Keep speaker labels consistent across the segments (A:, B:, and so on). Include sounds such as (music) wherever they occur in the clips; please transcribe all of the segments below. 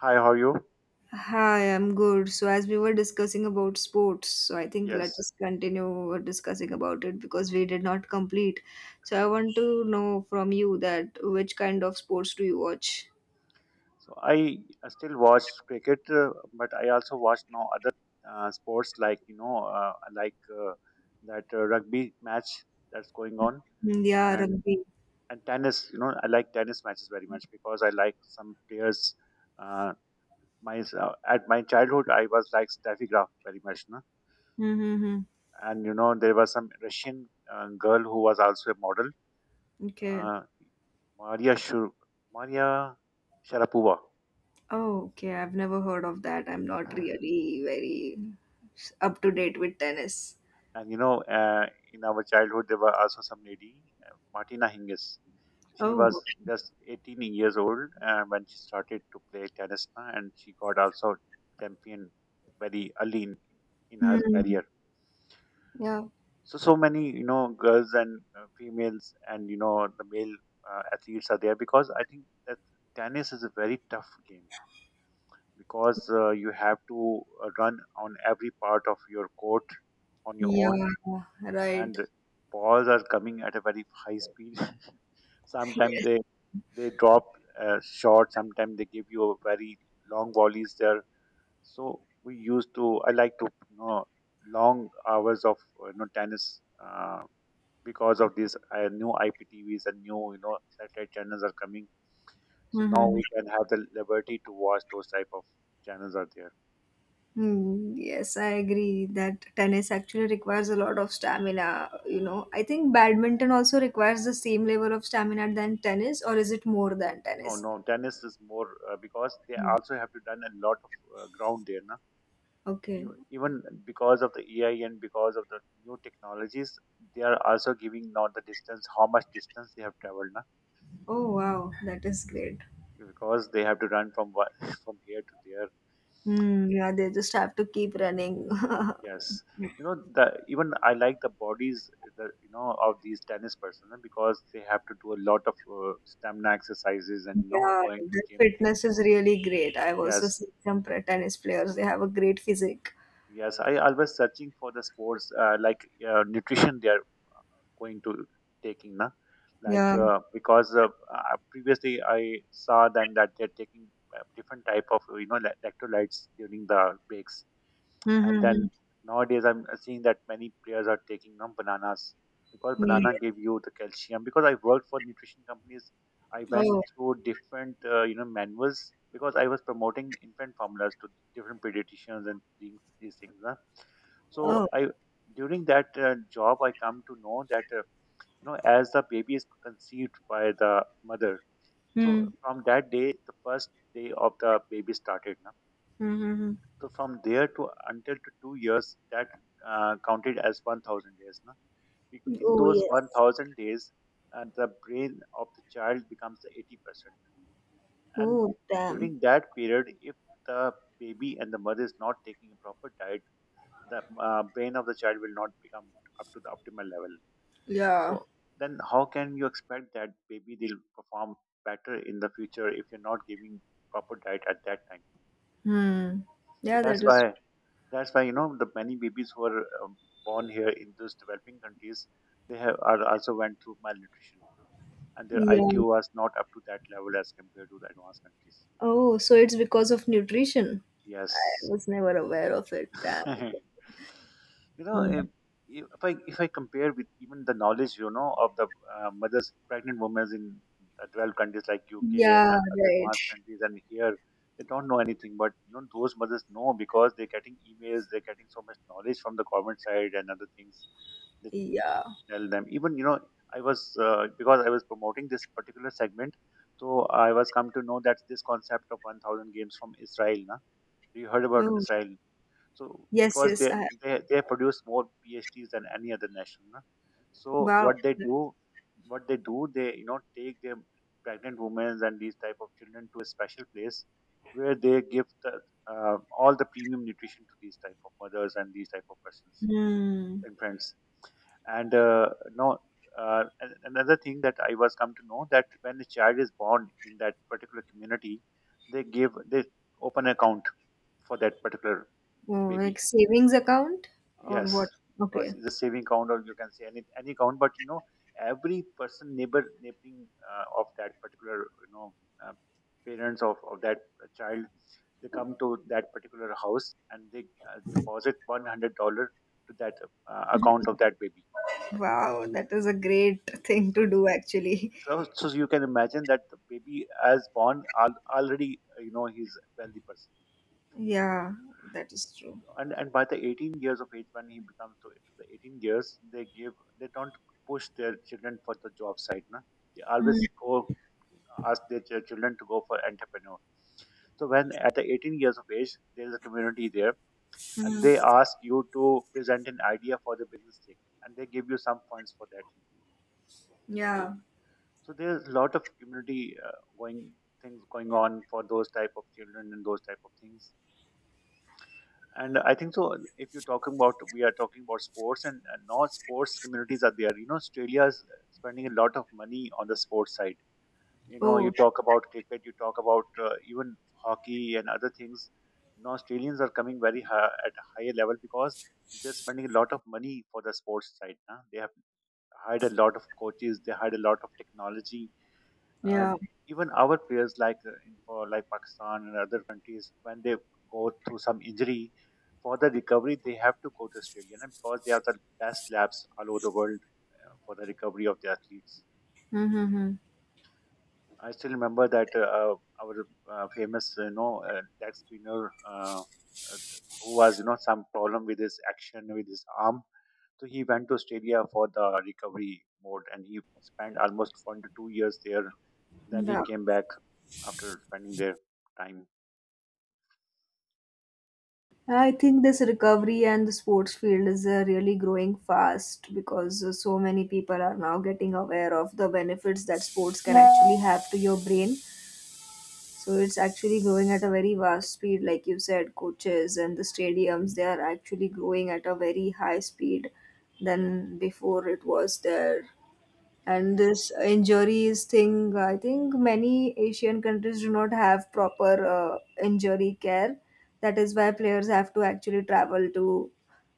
A: Hi, how are you?
B: Hi, I'm good. So, as we were discussing about sports, so I think let
A: Yes.
B: us continue discussing about it because we did not complete. So, I want to know from you that which kind of sports do you watch?
A: So I still watch cricket, but I also watch now other sports like you know like that rugby match that's going on
B: Mm, yeah,
A: and
B: rugby.
A: and tennis. You know I like tennis matches very much because I like some players. Uh, my At my childhood I was like Steffi Graf very much, no?
B: Mm-hmm.
A: And you know there was some Russian girl who was also a model,
B: Okay.
A: uh, Maria Shur Maria Sharapova.
B: Oh, okay. I've never heard of that. I'm not really very up to date with tennis.
A: And you know, in our childhood, there were also some lady, Martina Hingis. She
B: Oh.
A: was just 18 years old when she started to play tennis, and she got also champion very early in her
B: Hmm.
A: career.
B: Yeah.
A: So many you know girls and females, and you know the male athletes are there because I think that tennis is a very tough game because you have to run on every part of your court on your
B: Yeah.
A: own,
B: Right.
A: and balls are coming at a very high speed. (laughs)
B: (laughs)
A: Sometimes
B: Yes.
A: they drop short. Sometimes they give you a very long volleys there. So we used to I like to you know long hours of you know tennis because of these new IPTVs and new you know satellite channels are coming. So now
B: Hmm.
A: we can have the liberty to watch those type of channels are there.
B: Hmm, yes, I agree that tennis actually requires a lot of stamina. You know, I think badminton also requires the same level of stamina than tennis, or is it more than
A: No,
B: tennis?
A: no, tennis is more because they
B: No.
A: also have to done a lot of ground there, na.
B: Okay.
A: Even because of the AI and because of the new technologies, they are also giving now the distance, how much distance they have traveled, na?
B: Oh, wow, that is great.
A: Because they have to run (laughs) from here to there.
B: Hmm, yeah, they just have to keep running. (laughs)
A: Yes, you know the even I like the bodies, the you know of these tennis persons na, because they have to do a lot of stamina exercises and you know
B: Yeah,
A: going to
B: their
A: gym things.
B: fitness is really great. I've also
A: Yes,
B: seen some tennis players, they have a great physique.
A: yes, I always searching for the sports like nutrition. They are going to taking na like
B: Yeah.
A: because previously I saw them that they're taking different type of you know electrolytes during the breaks, and then
B: Mm-hmm.
A: nowadays I'm seeing that many players are taking you bananas because banana
B: Yeah.
A: give you the calcium. Because I worked for nutrition companies, I went
B: Oh.
A: through different you know manuals because I was promoting infant formulas to different pediatricians and these things. Huh? So
B: Oh.
A: I during that job, I come to know that. You know, as the baby is conceived by the mother.
B: Hmm.
A: So from that day, the first day of the baby started. Na?
B: Mm-hmm.
A: So from there to until to 2 years, that counted as 1,000 days. Na? Because in
B: Oh,
A: those
B: yes.
A: 1,000 days, the brain of the child becomes the 80%. And
B: Oh, damn.
A: during that period, if the baby and the mother is not taking a proper diet, the brain of the child will not become up to the optimal level.
B: Yeah.
A: So then how can you expect that maybe they'll perform better in the future if you're not giving proper diet at that time?
B: Hmm.
A: So
B: Yeah, that
A: that's
B: is.
A: why that's why you know the many babies who are born here in those developing countries they have are also went through malnutrition and their
B: Yeah.
A: IQ was not up to that level as compared to the advanced countries.
B: Oh, so it's because of nutrition. I
A: Yes,
B: was never aware of it. Damn.
A: (laughs) you know
B: Hmm.
A: if I compare with even the knowledge you know of the mothers pregnant women in 12 countries like UK and
B: Yeah,
A: other
B: right.
A: advanced countries and here they don't know anything, but you know, those mothers know because they're getting emails, they're getting so much knowledge from the government side and other things that,
B: Yeah.
A: that tell them even you know I was because I was promoting this particular segment, so I was come to know that this concept of 1,000 games from Israel, na? You heard about
B: Oh,
A: Israel. So
B: yes,
A: because
B: yes.
A: they they, they produce more PhDs than any other nation, na. So
B: Wow.
A: what they do, they you know take their pregnant women and these type of children to a special place where they give the all the premium nutrition to these type of mothers and these type of persons,
B: Hmm.
A: infants. And no, another thing that I was come to know that when a child is born in that particular community, they open account for that particular
B: Oh, like
A: baby.
B: savings account or what?
A: Yes, or
B: Okay.
A: it's a saving count, or you can say any count. But you know, every person neighboring of that particular you know uh, parents of that child, they come to that particular house and they deposit $100 to that account of that baby.
B: Wow, that is a great thing to
A: So
B: do actually.
A: so you can imagine that the baby as born already you know he's a wealthy person.
B: Yeah, that is true.
A: And by the 18 years of age when he becomes to the 18 years, they don't push their children for the job side, na? They
B: Mm,
A: always go ask their children to go for entrepreneur. So when at the 18 years of age there is a community there, and they
B: mm.
A: ask you to present an idea for the business thing, and they give you some funds for that.
B: Yeah.
A: So there's a lot of community uh, going things going on for those type of children and those type of things. And I think so, if you're talking about we are talking about sports, and now sports communities are there. You know Australia is spending a lot of money on the sports side. You know you
B: Oh,
A: talk about cricket, you talk about even hockey and other things. Now Australians are coming very high at a higher level because they're spending a lot of money for the sports side, huh? They have hired a lot of coaches, they hired a lot of technology,
B: yeah.
A: and even our players like in for like Pakistan and other countries, when they go through some injury, for the recovery they have to go to Australia, na, because they have the best labs all over the world for the recovery of the athletes.
B: Mm-hmm.
A: I still remember that our famous you know leg spinner, uh, who was you know some problem with his action with his arm, so he went to Australia for the recovery mode and he spent almost 1 to 2 years there, then he came back after spending their time.
B: I think this recovery and the sports field is really growing fast because so many people are now getting aware of the benefits that sports can actually have to your brain. So it's actually growing at a very vast speed, like you said, coaches and the stadiums, they are actually growing at a very high speed than before it was there. And this injuries thing, I think many Asian countries do not have proper injury care. That is why players have to actually travel to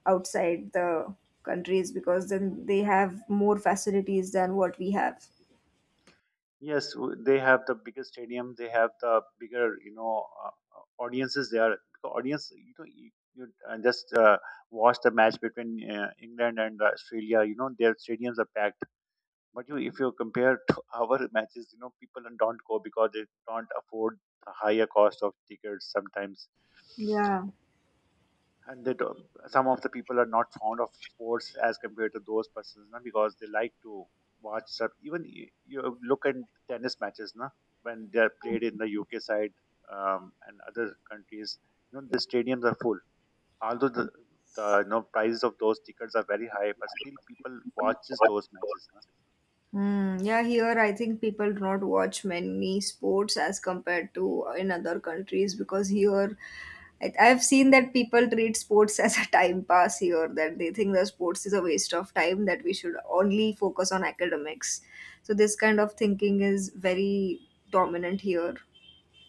B: outside the countries, because then they have more facilities than what we have.
A: Yes, they have the bigger stadium. They have the bigger, you know, audiences there. The audience, you know, you just watch the match between England and Australia. You know, their stadiums are packed. But if you compare to (laughs) our matches, you know, people don't go because they don't afford the higher cost of tickets sometimes.
B: Yeah.
A: And they don't, some of the people are not fond of sports as compared to those persons, na, because they like to watch some even you look at tennis matches, na, when they are played in the UK side and other countries, you know the stadiums are full, although the you know prices of those tickets are very high, but still people watches those matches, na.
B: Mm, yeah, here I think people do not watch many sports as compared to in other countries, because here I've seen that people treat sports (laughs) as a time pass here, that they think that sports is a waste of time, that we should only focus on academics. So this kind of thinking is very dominant here.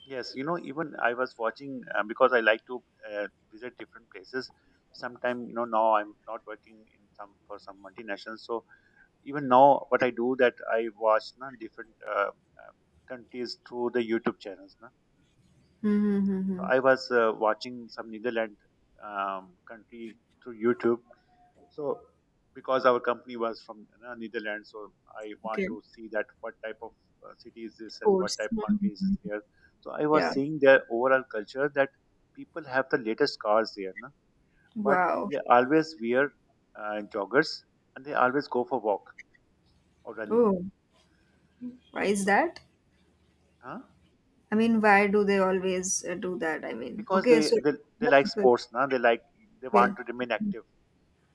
A: Yes, you know even I was watching because I like to uh, visit different places sometime, you know now I'm not working in some for some multinationals, so even now what I do that I watch na, different uh, countries through the YouTube channels, na. So
B: Mm-hmm.
A: I was watching some Netherlands country through YouTube. So because our company was from you know, Netherlands, so I want
B: Okay,
A: to see that what type of city is this and what
B: sports.
A: type of country is
B: Mhm.
A: this here. So I was
B: Yeah.
A: seeing their overall culture that people have the latest cars there, na? But
B: Wow.
A: they always wear joggers and they always go for walk or running.
B: Oh, why is
A: So
B: that?
A: huh?
B: I mean, why do they always do that? I mean,
A: Because
B: okay, so
A: they
B: the
A: like
B: people.
A: sports. Now they like, they
B: Yeah.
A: want to remain active.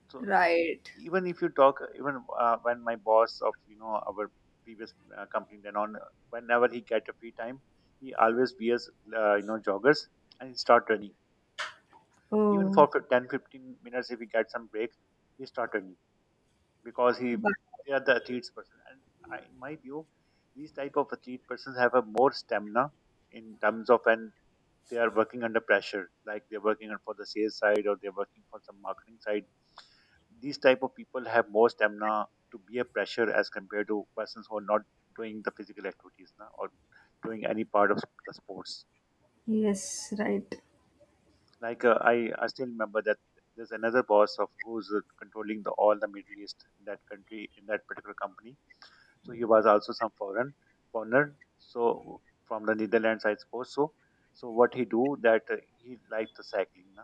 A: So
B: Right?
A: even if you talk, even when my boss of, you know, our previous company, then on whenever he get a free time, he always wears, joggers and he start running. Even
B: Oh.
A: for 10 15 if he get some break, he start running because he,
B: But
A: they are the athletes person. And in my view, these type of athlete persons have a more stamina. In terms of an, they are working under pressure, like they're working for the sales side or they're working for some marketing side. These type of people have more stamina to bear pressure as compared to persons who are not doing the physical activities, na, or doing any part of the sports.
B: yes, right.
A: Like I still remember that there's another boss of who's controlling the all the Middle East in that country in that particular company. So he was also some foreigner. So from the Netherlands, I suppose so. So what he do that, he liked the cycling, na.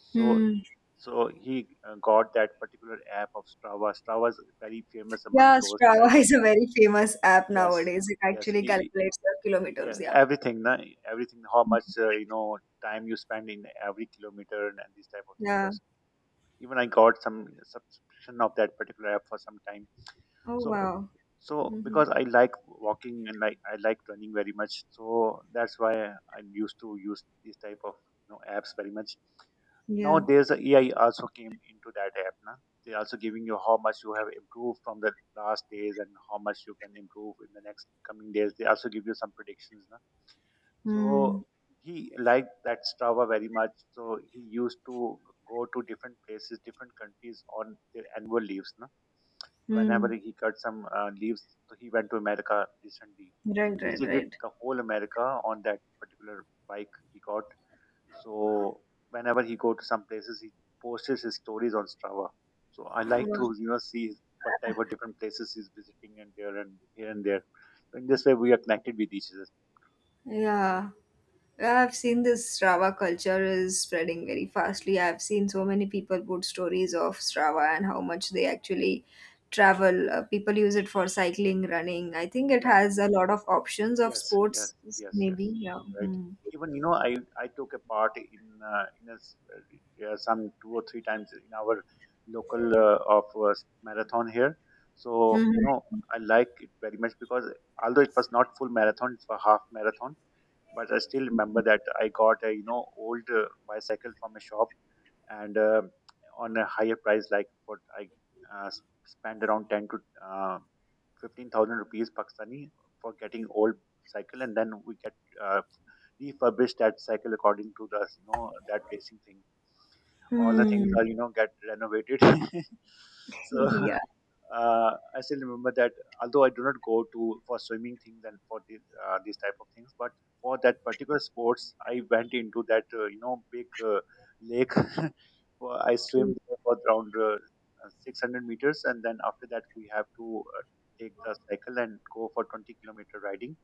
A: So,
B: Hmm.
A: so he got that particular app of Strava. Strava is very famous among
B: Yeah,
A: those type
B: Strava (laughs)
A: of,
B: is a very famous app
A: yes,
B: nowadays. It
A: yes,
B: actually
A: e- e-
B: calculates your
A: yeah.
B: kilometers. Yeah.
A: Everything, na, everything. How much, time you spend in every kilometer and these type of things
B: Yeah.
A: are, even I got some subscription of that particular app for some time.
B: Oh,
A: So,
B: wow.
A: so
B: Mhm.
A: because I like walking and like I like running very much, so that's why I used to use these type of, you know, apps very much.
B: Yeah.
A: Nowadays the AI also came into that app, na? They also giving you how much you have improved from the last days and how much you can improve in the next coming days. They also give you some predictions. So
B: Hmm.
A: he liked that Strava very much. So he used to go to different places, different countries on their annual leaves. No? Whenever
B: Hmm.
A: he got some leaves, so he went to America recently.
B: Right,
A: He
B: right,
A: visited
B: right.
A: the whole America on that particular bike he got. So whenever he go to some places, he posts his stories on Strava. So I like to, you know, see what type of different places he's visiting and there and here and there. So in this way, we are connected with each other.
B: Yeah. Yeah, I've seen this Strava culture is spreading very fastly. I've seen so many people put stories of Strava and how much they actually travel. People use it for cycling, running. I think it
A: Yes.
B: has a lot of options of
A: Yes, yes,
B: sports,
A: yes,
B: maybe.
A: yes.
B: Yeah.
A: Right.
B: Hmm.
A: Even, you know, I took a part in yeah, some two or three times in our local of marathon here. So, you
B: Mhm.
A: know, I like it very much because although it was not full marathon, it was half marathon, but I still remember that I got a, you know, old bicycle from a shop and on a higher price. Like what I, spend around 10 to uh, 15,000 rupees Pakistani for getting old cycle. And then we get, uh, refurbish that cycle according to the, you know, that racing thing. All the things
B: Hmm.
A: are, you know, get renovated. (laughs)
B: (laughs)
A: So
B: Yeah.
A: (laughs) I still remember that although I do not go to for swimming things and for the, these type of things, but for that particular sports, I went into that, big lake. (laughs) Well, I swim there for around 600 meters, and then after that we have to, take the cycle and go for 20-kilometer riding,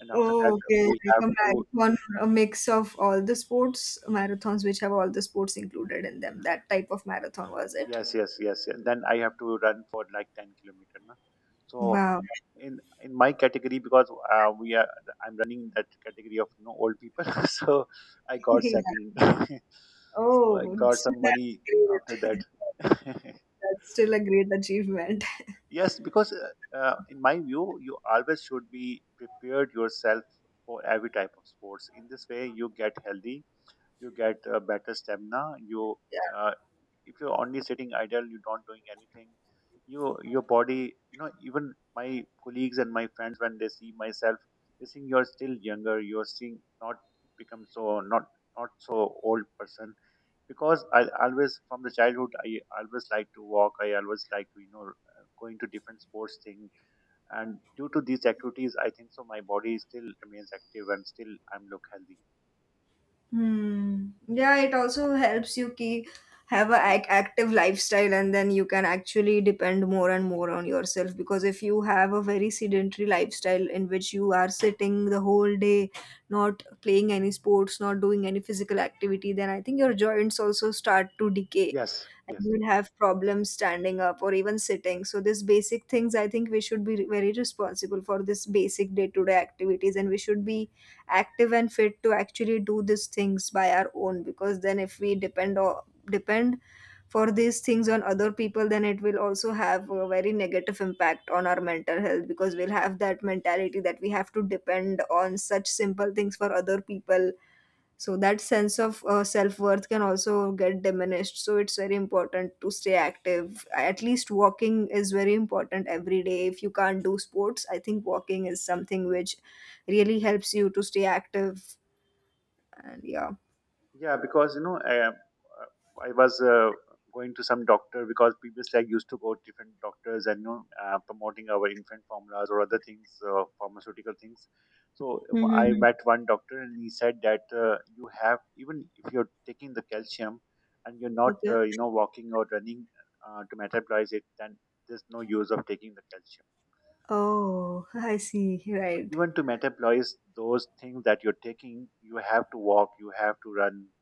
A: and after that
B: Oh, okay.
A: we
B: Like
A: have
B: a
A: to,
B: marathon, a mix of all the sports, marathons which have all the sports included in them. That type of marathon was it?
A: yes, yes, yes, yes. Then I have to run for like 10 kilometer, na? So
B: Wow.
A: in my category because we are I'm running in that category of no old people, (laughs) so I got
B: (laughs)
A: second. (laughs) So I
B: Oh, (laughs)
A: got some
B: that's
A: money after that.
B: great. (laughs)
A: (laughs)
B: That's still a great achievement. (laughs)
A: Yes, because in my view, you always should be prepared yourself for every type of sports. In this way, you get healthy, you get better stamina. You,
B: Yeah.
A: uh, if you're only sitting idle, you're not doing anything. You, your body, you know, even my colleagues and my friends, when they see myself, they think you're still younger. You're seeing not become so, not not so old person, because I always from the childhood I always like to walk. I always like to, you know, going to different sports thing. And due to these activities, I think so my body still remains active and still I'm look healthy.
B: Hmm. Yeah, it also helps you keep have a active lifestyle, and then you can actually depend more and more on yourself, because if you have a very sedentary lifestyle in which you are sitting the whole day, not playing any sports, not doing any physical activity, then I think your joints also start to decay
A: Yes,
B: and
A: yes.
B: you will have problems standing up or even sitting. So these basic things, I think we should be very responsible for this basic day-to-day activities, and we should be active and fit to actually do these things by our own. Because then, if we depend or depend for these things on other people, then it will also have a very negative impact on our mental health, because we'll have that mentality that we have to depend on such simple things for other people. So that sense of self-worth can also get diminished. So it's very important to stay active. At least walking is very important every day. If you can't do sports, I think walking is something which really helps you to stay active. And yeah.
A: Yeah, because, you know, I was going to some doctor because previously I used to go to different doctors and, you know, promoting our infant formulas or other things, pharmaceutical things. So I
B: Mm-hmm.
A: met one doctor and he said that, you have, even if you're taking the calcium and you're not,
B: Okay.
A: walking or running, to metabolize it, then there's no use of taking the calcium.
B: Oh, I see,
A: So
B: right.
A: even to metabolize those things that you're taking, you have to walk, you have to run.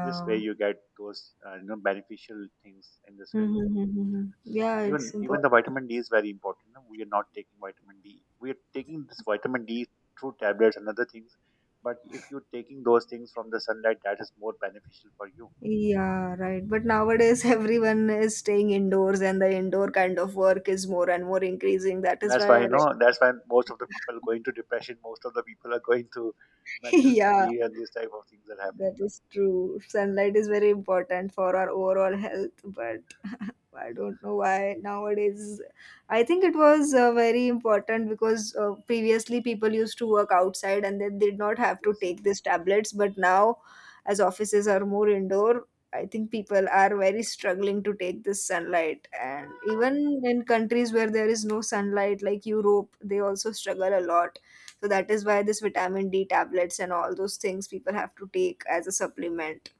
A: This way you get those, beneficial things, in this way.
B: Mm-hmm. Yeah,
A: Even
B: it's
A: even
B: important.
A: the vitamin D is very important, no? We are not taking vitamin D. We are taking this vitamin D through tablets and other things. But if you're taking those things from the sunlight, that is more beneficial for you.
B: Yeah, right. But nowadays, (laughs) everyone is staying indoors, and the indoor kind of work is more and more increasing. That is
A: That's why,
B: why,
A: you know,
B: like,
A: that's why most of the people are
B: (laughs)
A: going to depression, most of the people are going to
B: (laughs)
A: mental
B: yeah,
A: fatigue and these type of things are happening.
B: that is true. Sunlight is very important for our overall health, but (laughs) I don't know why nowadays. I think it was very important, because previously people used to work outside and they did not have to
A: Yes,
B: take these tablets, but now, as offices are more indoor, I think people are very struggling to take this sunlight. And even in countries where there is no sunlight, like Europe, they also struggle a lot, so that is why this vitamin D tablets and all those things people have to take as a supplement.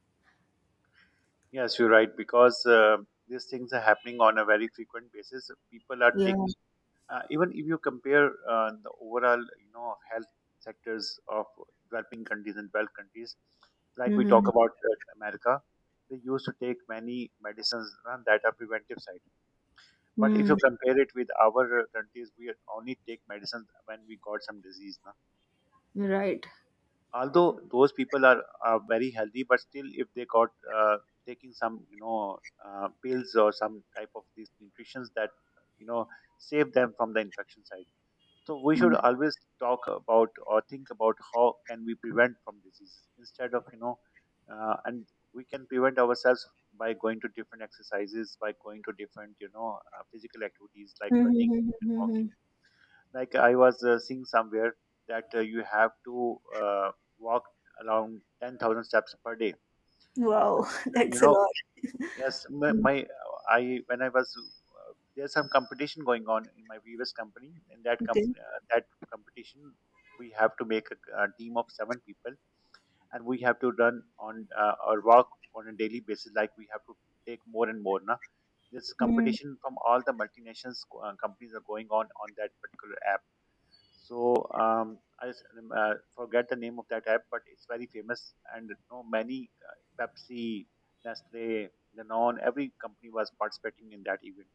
A: yes, you're right, because these things are happening on a very frequent basis. People are
B: Yeah.
A: taking, even if you compare the overall, you know, of health sectors of developing countries and developed countries, like we talk
B: Mm-hmm.
A: about America, they used to take many medicines that are preventive side. But if
B: Mm.
A: you compare it with our countries, we only take medicines when we got some disease, na?
B: Right.
A: Although those people are very healthy, but still if they got, taking some, you know, pills or some type of these nutritions that, you know, save them from the infection side. So we should
B: Mm.
A: always talk about or think about how can we prevent from diseases, instead of, you know, and we can prevent ourselves by going to different exercises, by going to different, you know, physical activities like
B: Mhm,
A: running
B: mhm,
A: and
B: mhm, mhm.
A: walking. Like I was seeing somewhere that, you have to, walk around 10,000 steps per day,
B: Wow, (laughs)
A: and you
B: that's a
A: know,
B: lot.
A: yes, my,
B: Mm.
A: my I, when I was, there's some competition going on in my previous company. In that
B: Okay.
A: that competition, we have to make a team of seven people, and we have to run on, or work on a daily basis. Like we have to take more and more, na, this
B: Mm.
A: competition from all the multinationals companies are going on that particular app. So I just, forget the name of that app, but it's very famous, and, you know, many, Pepsi, Nestle, Danone, every company was participating in that event.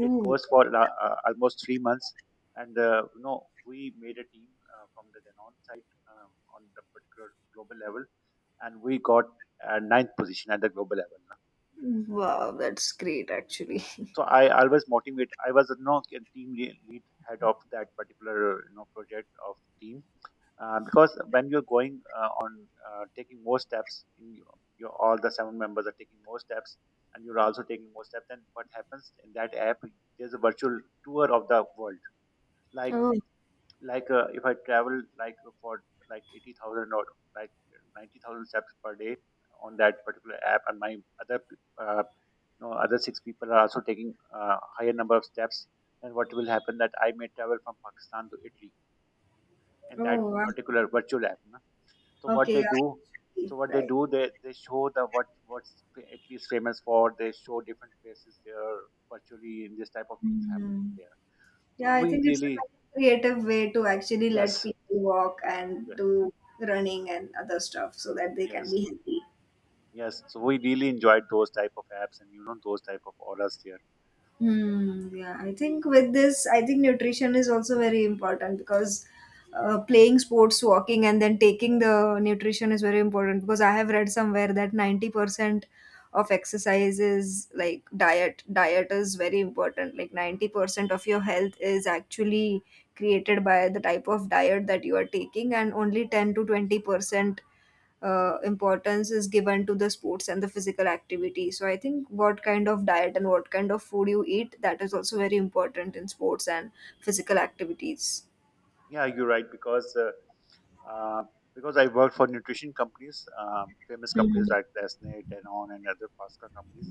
A: It goes for almost three months, and, we made a team from the Danone side, um, on the particular global level, and we got ninth position at the global level.
B: Wow, that's great actually. (laughs)
A: So I always motivate. I was, you know, a team lead head of that particular, you know, project of team, because when you're going, on taking more steps in your all the seven members are taking more steps and you're also taking more steps, then what happens in that app, there's a virtual tour of the world. like
B: Oh.
A: like, if I travel like for like 80,000 or like 90,000 steps per day on that particular app, and my other other six people are also taking, higher number of steps, and what will happen, that I may travel from Pakistan to Italy in that
B: Oh, wow.
A: particular virtual app. So what
B: Okay,
A: they do,
B: yeah,
A: so what they
B: right.
A: do, they show the what's at least famous for. They show different places there virtually, and this type of things happening
B: Mm.
A: there. So
B: Yeah, I
A: we
B: think it's a very
A: really,
B: creative way to actually let
A: yes,
B: people walk and
A: yeah,
B: do running and other stuff so that they can
A: yes,
B: be healthy.
A: yes. So we really enjoyed those type of apps, and, you know, those type of auras there.
B: Hmm, yeah, I think with this, I think nutrition is also very important, because playing sports, walking, and then taking the nutrition is very important, because I have read somewhere that 90% of exercise is like diet. Diet is very important. Like 90% of your health is actually created by the type of diet that you are taking, and only 10 to 20% importance is given to the sports and the physical activity. So I think what kind of diet and what kind of food you eat, that is also very important in sports and physical activities.
A: Yeah, you're right because. Uh, because I worked for nutrition companies, famous companies
B: Mhm.
A: like Nestle, Danone, and other pasta companies.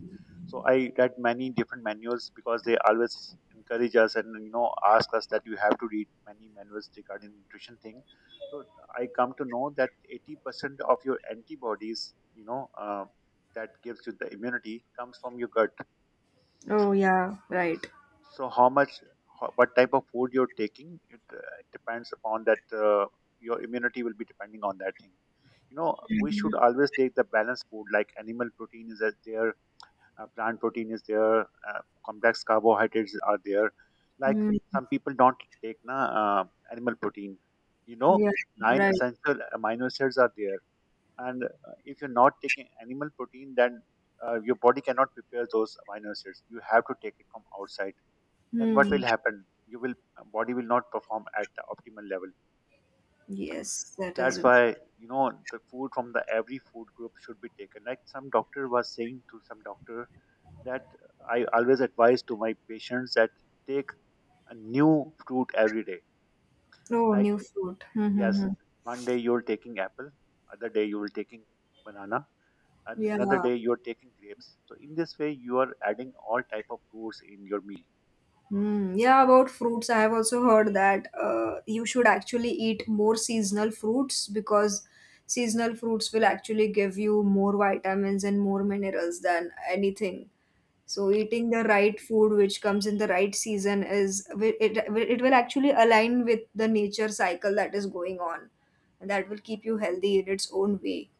A: So I read many different manuals because they always encourage us and, you know, ask us that you have to read many manuals regarding nutrition thing. So I come to know that 80% of your antibodies, you know, that gives you the immunity comes from your gut.
B: Oh yeah, right.
A: So how much, how, what type of food you're taking, it depends upon that. Your immunity will be depending on that thing. You know, we
B: Mhm.
A: should always take the balanced food. Like animal protein is that there, plant protein is there, complex carbohydrates are there. Like
B: Mm.
A: some people don't take, na, animal protein. You know,
B: Yeah,
A: nine
B: right.
A: essential amino acids are there, and, if you're not taking animal protein, then your body cannot prepare those amino acids. You have to take it from outside. Then what
B: Hmm.
A: will happen, you will body will not perform at the optimal level.
B: Yes, that is
A: That's
B: it.
A: why the food from the every food group should be taken, like some doctor was saying to some doctor that I always advise to my patients that take a new fruit every day,
B: Oh,
A: like
B: new food.
A: yes,
B: Mm-hmm.
A: one day you're taking apple, other day you're taking banana, and another
B: Yeah.
A: day you're taking grapes. So in this way you are adding all type of fruits in your meal.
B: Mm, yeah, about fruits, I have also heard that you should actually eat more seasonal fruits, because seasonal fruits will actually give you more vitamins and more minerals than anything. So eating the right food which comes in the right season is it it will actually align with the nature cycle that is going on, and that will keep you healthy in its own way.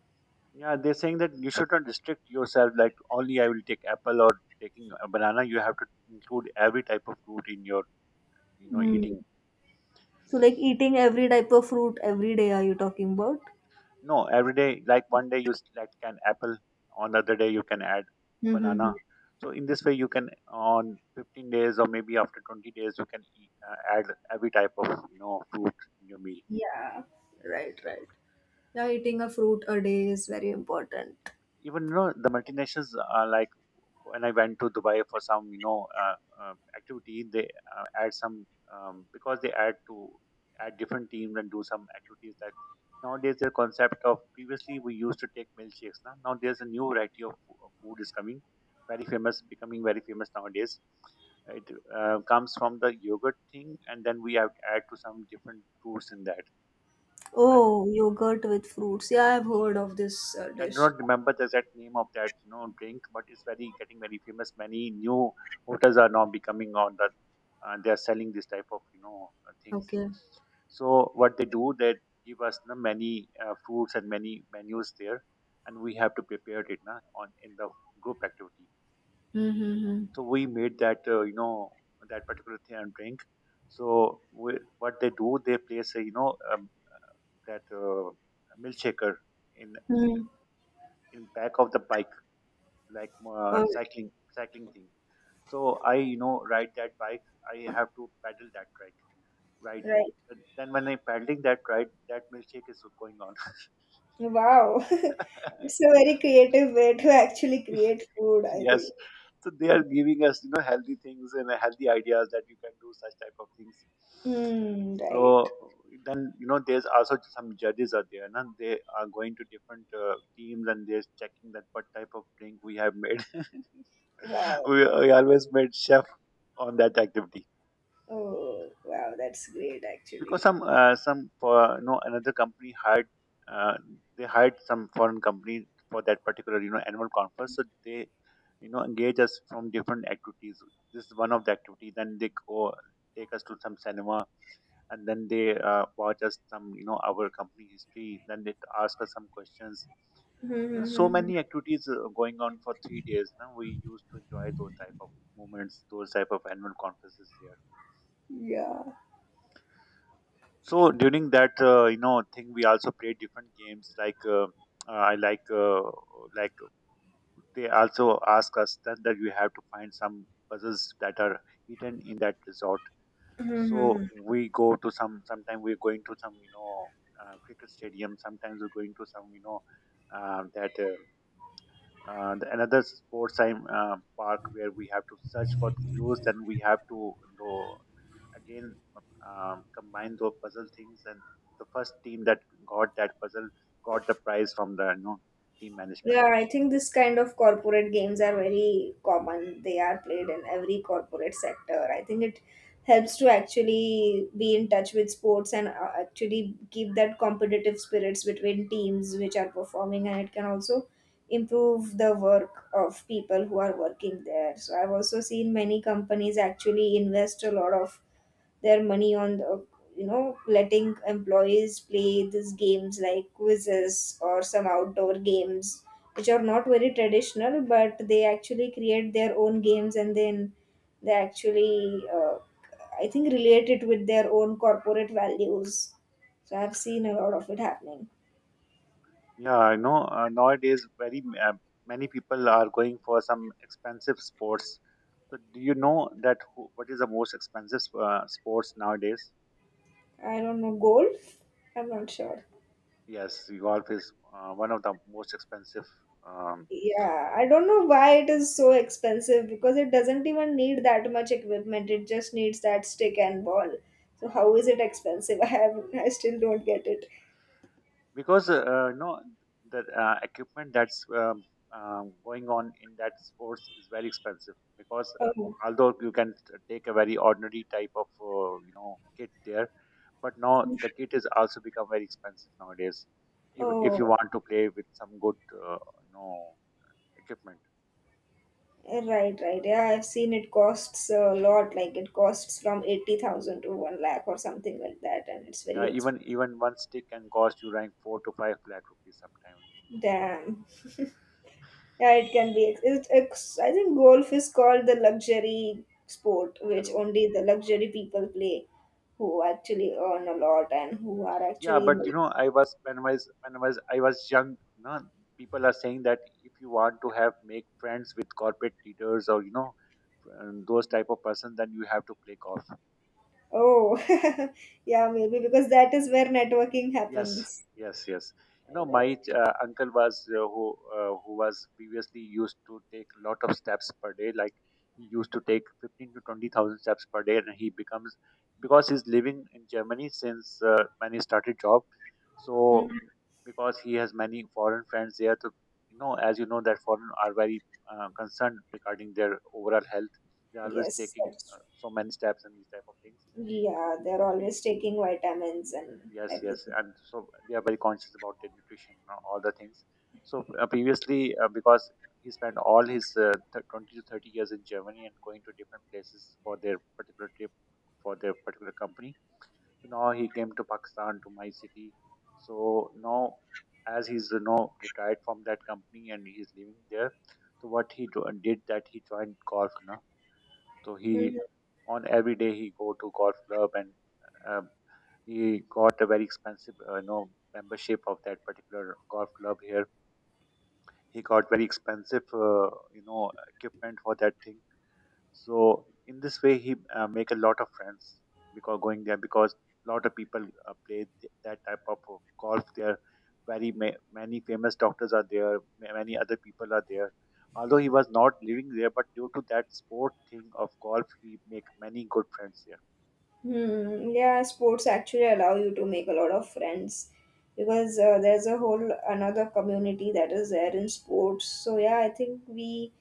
A: Yeah, they're saying that you should not restrict yourself, like only I will take apple or taking a banana. You have to include every type of fruit in your
B: Mm.
A: eating.
B: So, like eating every type of fruit every day, are you talking about?
A: No, every day, like one day you select an apple, on the other day you can add
B: Mm-hmm.
A: banana. So in this way you can, on 15 days or maybe after 20 days, you can eat, add every type of fruit in your meal.
B: Yeah, right, right. Yeah, eating a fruit a day is very important.
A: Even you know the multinationals are, like, when I went to Dubai for some activity, they add some, because they add to add different teams and do some activities. That nowadays their concept of, previously we used to take milkshakes. Now there's a new variety of of food is coming, very famous, becoming very famous nowadays. It comes from the yogurt thing, and then we have to add to some different fruits in that.
B: Oh, yogurt with fruits. Yeah, I've heard of this
A: I do
B: dish.
A: not remember the exact name of that, you know, drink, but it's very getting very famous. Many new hotels are now becoming on that. They are selling this type of, you know, things.
B: Okay.
A: So what they do, they give us the many fruits and many menus there, and we have to prepare it na, on in the group activity.
B: Mm-hmm.
A: So we made that, that particular thing and drink. So we, what they do, they place a, you know, that milkshaker in, in
B: Hmm.
A: in back of the bike, like
B: Oh.
A: cycling thing. So I, you know, ride that bike. I have to pedal that right ride.
B: Right.
A: And then when I am pedaling that ride, that milkshake is going on.
B: Wow. (laughs) It's a
A: (laughs)
B: very creative way to actually create food, I
A: Yes,
B: think.
A: so they are giving us, you know, healthy things and healthy ideas that you can do such type of things.
B: Hmm. Right.
A: So then, you know, there's also some judges are there, and they are going to different teams and they're checking that what type of drink we have made. (laughs)
B: Wow.
A: we, we always made chef on that activity.
B: Oh, wow. That's great, actually.
A: Because some for you know another company hired uh, they hired some foreign company for that particular, you know, annual conference. So they, you know, engage us from different activities. This is one of the activity, then they go take us to some cinema, and then they watch us some, you know, our company history, then they ask us some questions,
B: Hmm.
A: you know.
B: Hmm,
A: So
B: hmm, hmm.
A: many activities going on for 3 days. Now we used to enjoy those type of moments, those type of annual conferences here.
B: Yeah.
A: So during that, thing, we also played different games like I like like they also ask us that you have to find some puzzles that are hidden in that resort.
B: Hmm. Hmm,
A: So
B: hmm.
A: we go to some. Sometimes we're going to some, you know, cricket stadium. Sometimes we're going to some, you know, that. The another sports time park where we have to search for clues, then we have to though again combine those puzzle things, and the first team that got that puzzle got the prize from the, you know, team management.
B: Yeah, I think this kind of corporate games are very common. They are played in every corporate sector. I think it helps to actually be in touch with sports and actually keep that competitive spirits between teams which are performing, and it can also improve the work of people who are working there. So I've also seen many companies actually invest a lot of their money on the you know letting employees play these games like quizzes or some outdoor games which are not very traditional, but they actually create their own games and then they actually I think relate it with their own corporate values. So I've seen a lot of it happening.
A: Yeah, I know, nowadays very many people are going for some expensive sports. So do you know that what is the most expensive sports nowadays?
B: I don't know, golf. I'm not sure.
A: Yes, golf is one of the most expensive, um,
B: Yeah, I don't know why it is so expensive, because it doesn't even need that much equipment. It just needs that stick and ball. So how is it expensive? (laughs) I still don't get it.
A: because the equipment that's, going on in that sports is very expensive, because
B: Oh.
A: although you can take a very ordinary type of kit there, but now the kit is also become very expensive nowadays, if, you
B: Oh,
A: want to play with some good you know equipment.
B: right, right. Yeah, I've seen it costs a lot. Like it costs from 80,000 to 1 lakh or something like that, and it's very
A: Yeah,
B: expensive.
A: even one stick can cost you around 4 to 5 lakh rupees sometimes, no?
B: Damn. (laughs) Yeah, it can be. It's I think golf is called the luxury sport, which
A: Hello.
B: only the luxury people play, who actually earn a lot and who are
A: Yeah,
B: actually
A: but
B: in.
A: you know, I was when I was when I was young. You know, people are saying that if you want to have make friends with corporate leaders or, you know, those type of person, then you have to play golf.
B: Oh, (laughs) yeah, maybe because that is where networking
A: Yes,
B: happens.
A: yes. You know,
B: Right.
A: my uncle was who was previously used to take a lot of steps per day. Like he used to take fifteen to twenty thousand steps per day, and he becomes because he's living in Germany since when he started job.
B: Mm.
A: So because he has many foreign friends there, to you know, as you know, that foreign are very concerned regarding their overall health. They're always
B: Yes,
A: taking
B: that's true.
A: so many steps and these type of things.
B: Yeah, they're
A: So
B: always taking vitamins and
A: yes,
B: everything.
A: and so they are very conscious about their nutrition and all the things. So previously, because he spent all his 20 to 30 years in Germany and going to different places for their particular trip, for their particular company. So now he came to Pakistan to my city. So now, as he's, you know, retired from that company and he's living there, so what he did that he joined golf, no? So he on every day he go to golf club and, Um, he got a very expensive, membership of that particular golf club. Here he got very expensive you know equipment for that thing. So in this way he, make a lot of friends, because going there because a lot of people play that type of golf there. Very many famous doctors are there, many other people are there. Although he was not living there, but due to that sport thing of golf, he make many good friends there.
B: Hmm. Yeah, sports actually allow you to make a lot of friends, because there's a whole another community that is there in sports. So yeah, I think we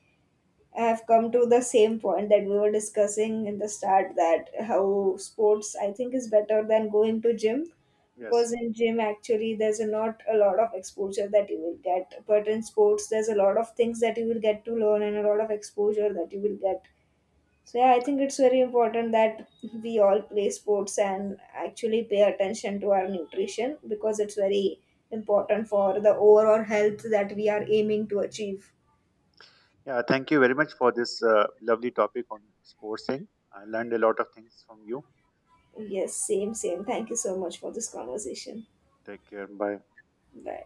B: have come to the same point that we were discussing in the start, that how sports I think is better than going to gym,
A: Yes.
B: because in gym actually there's a not a lot of exposure that you will get, but in sports there's a lot of things that you will get to learn and a lot of exposure that you will get. So yeah, I think it's very important that we all play sports and actually pay attention to our nutrition, because it's very important for the overall health that we are aiming to achieve.
A: Yeah, thank you very much for this lovely topic on sports thing. I learned a lot of things from you.
B: Yes, same, same. Thank you so much for this conversation.
A: Take care. Bye.
B: Bye.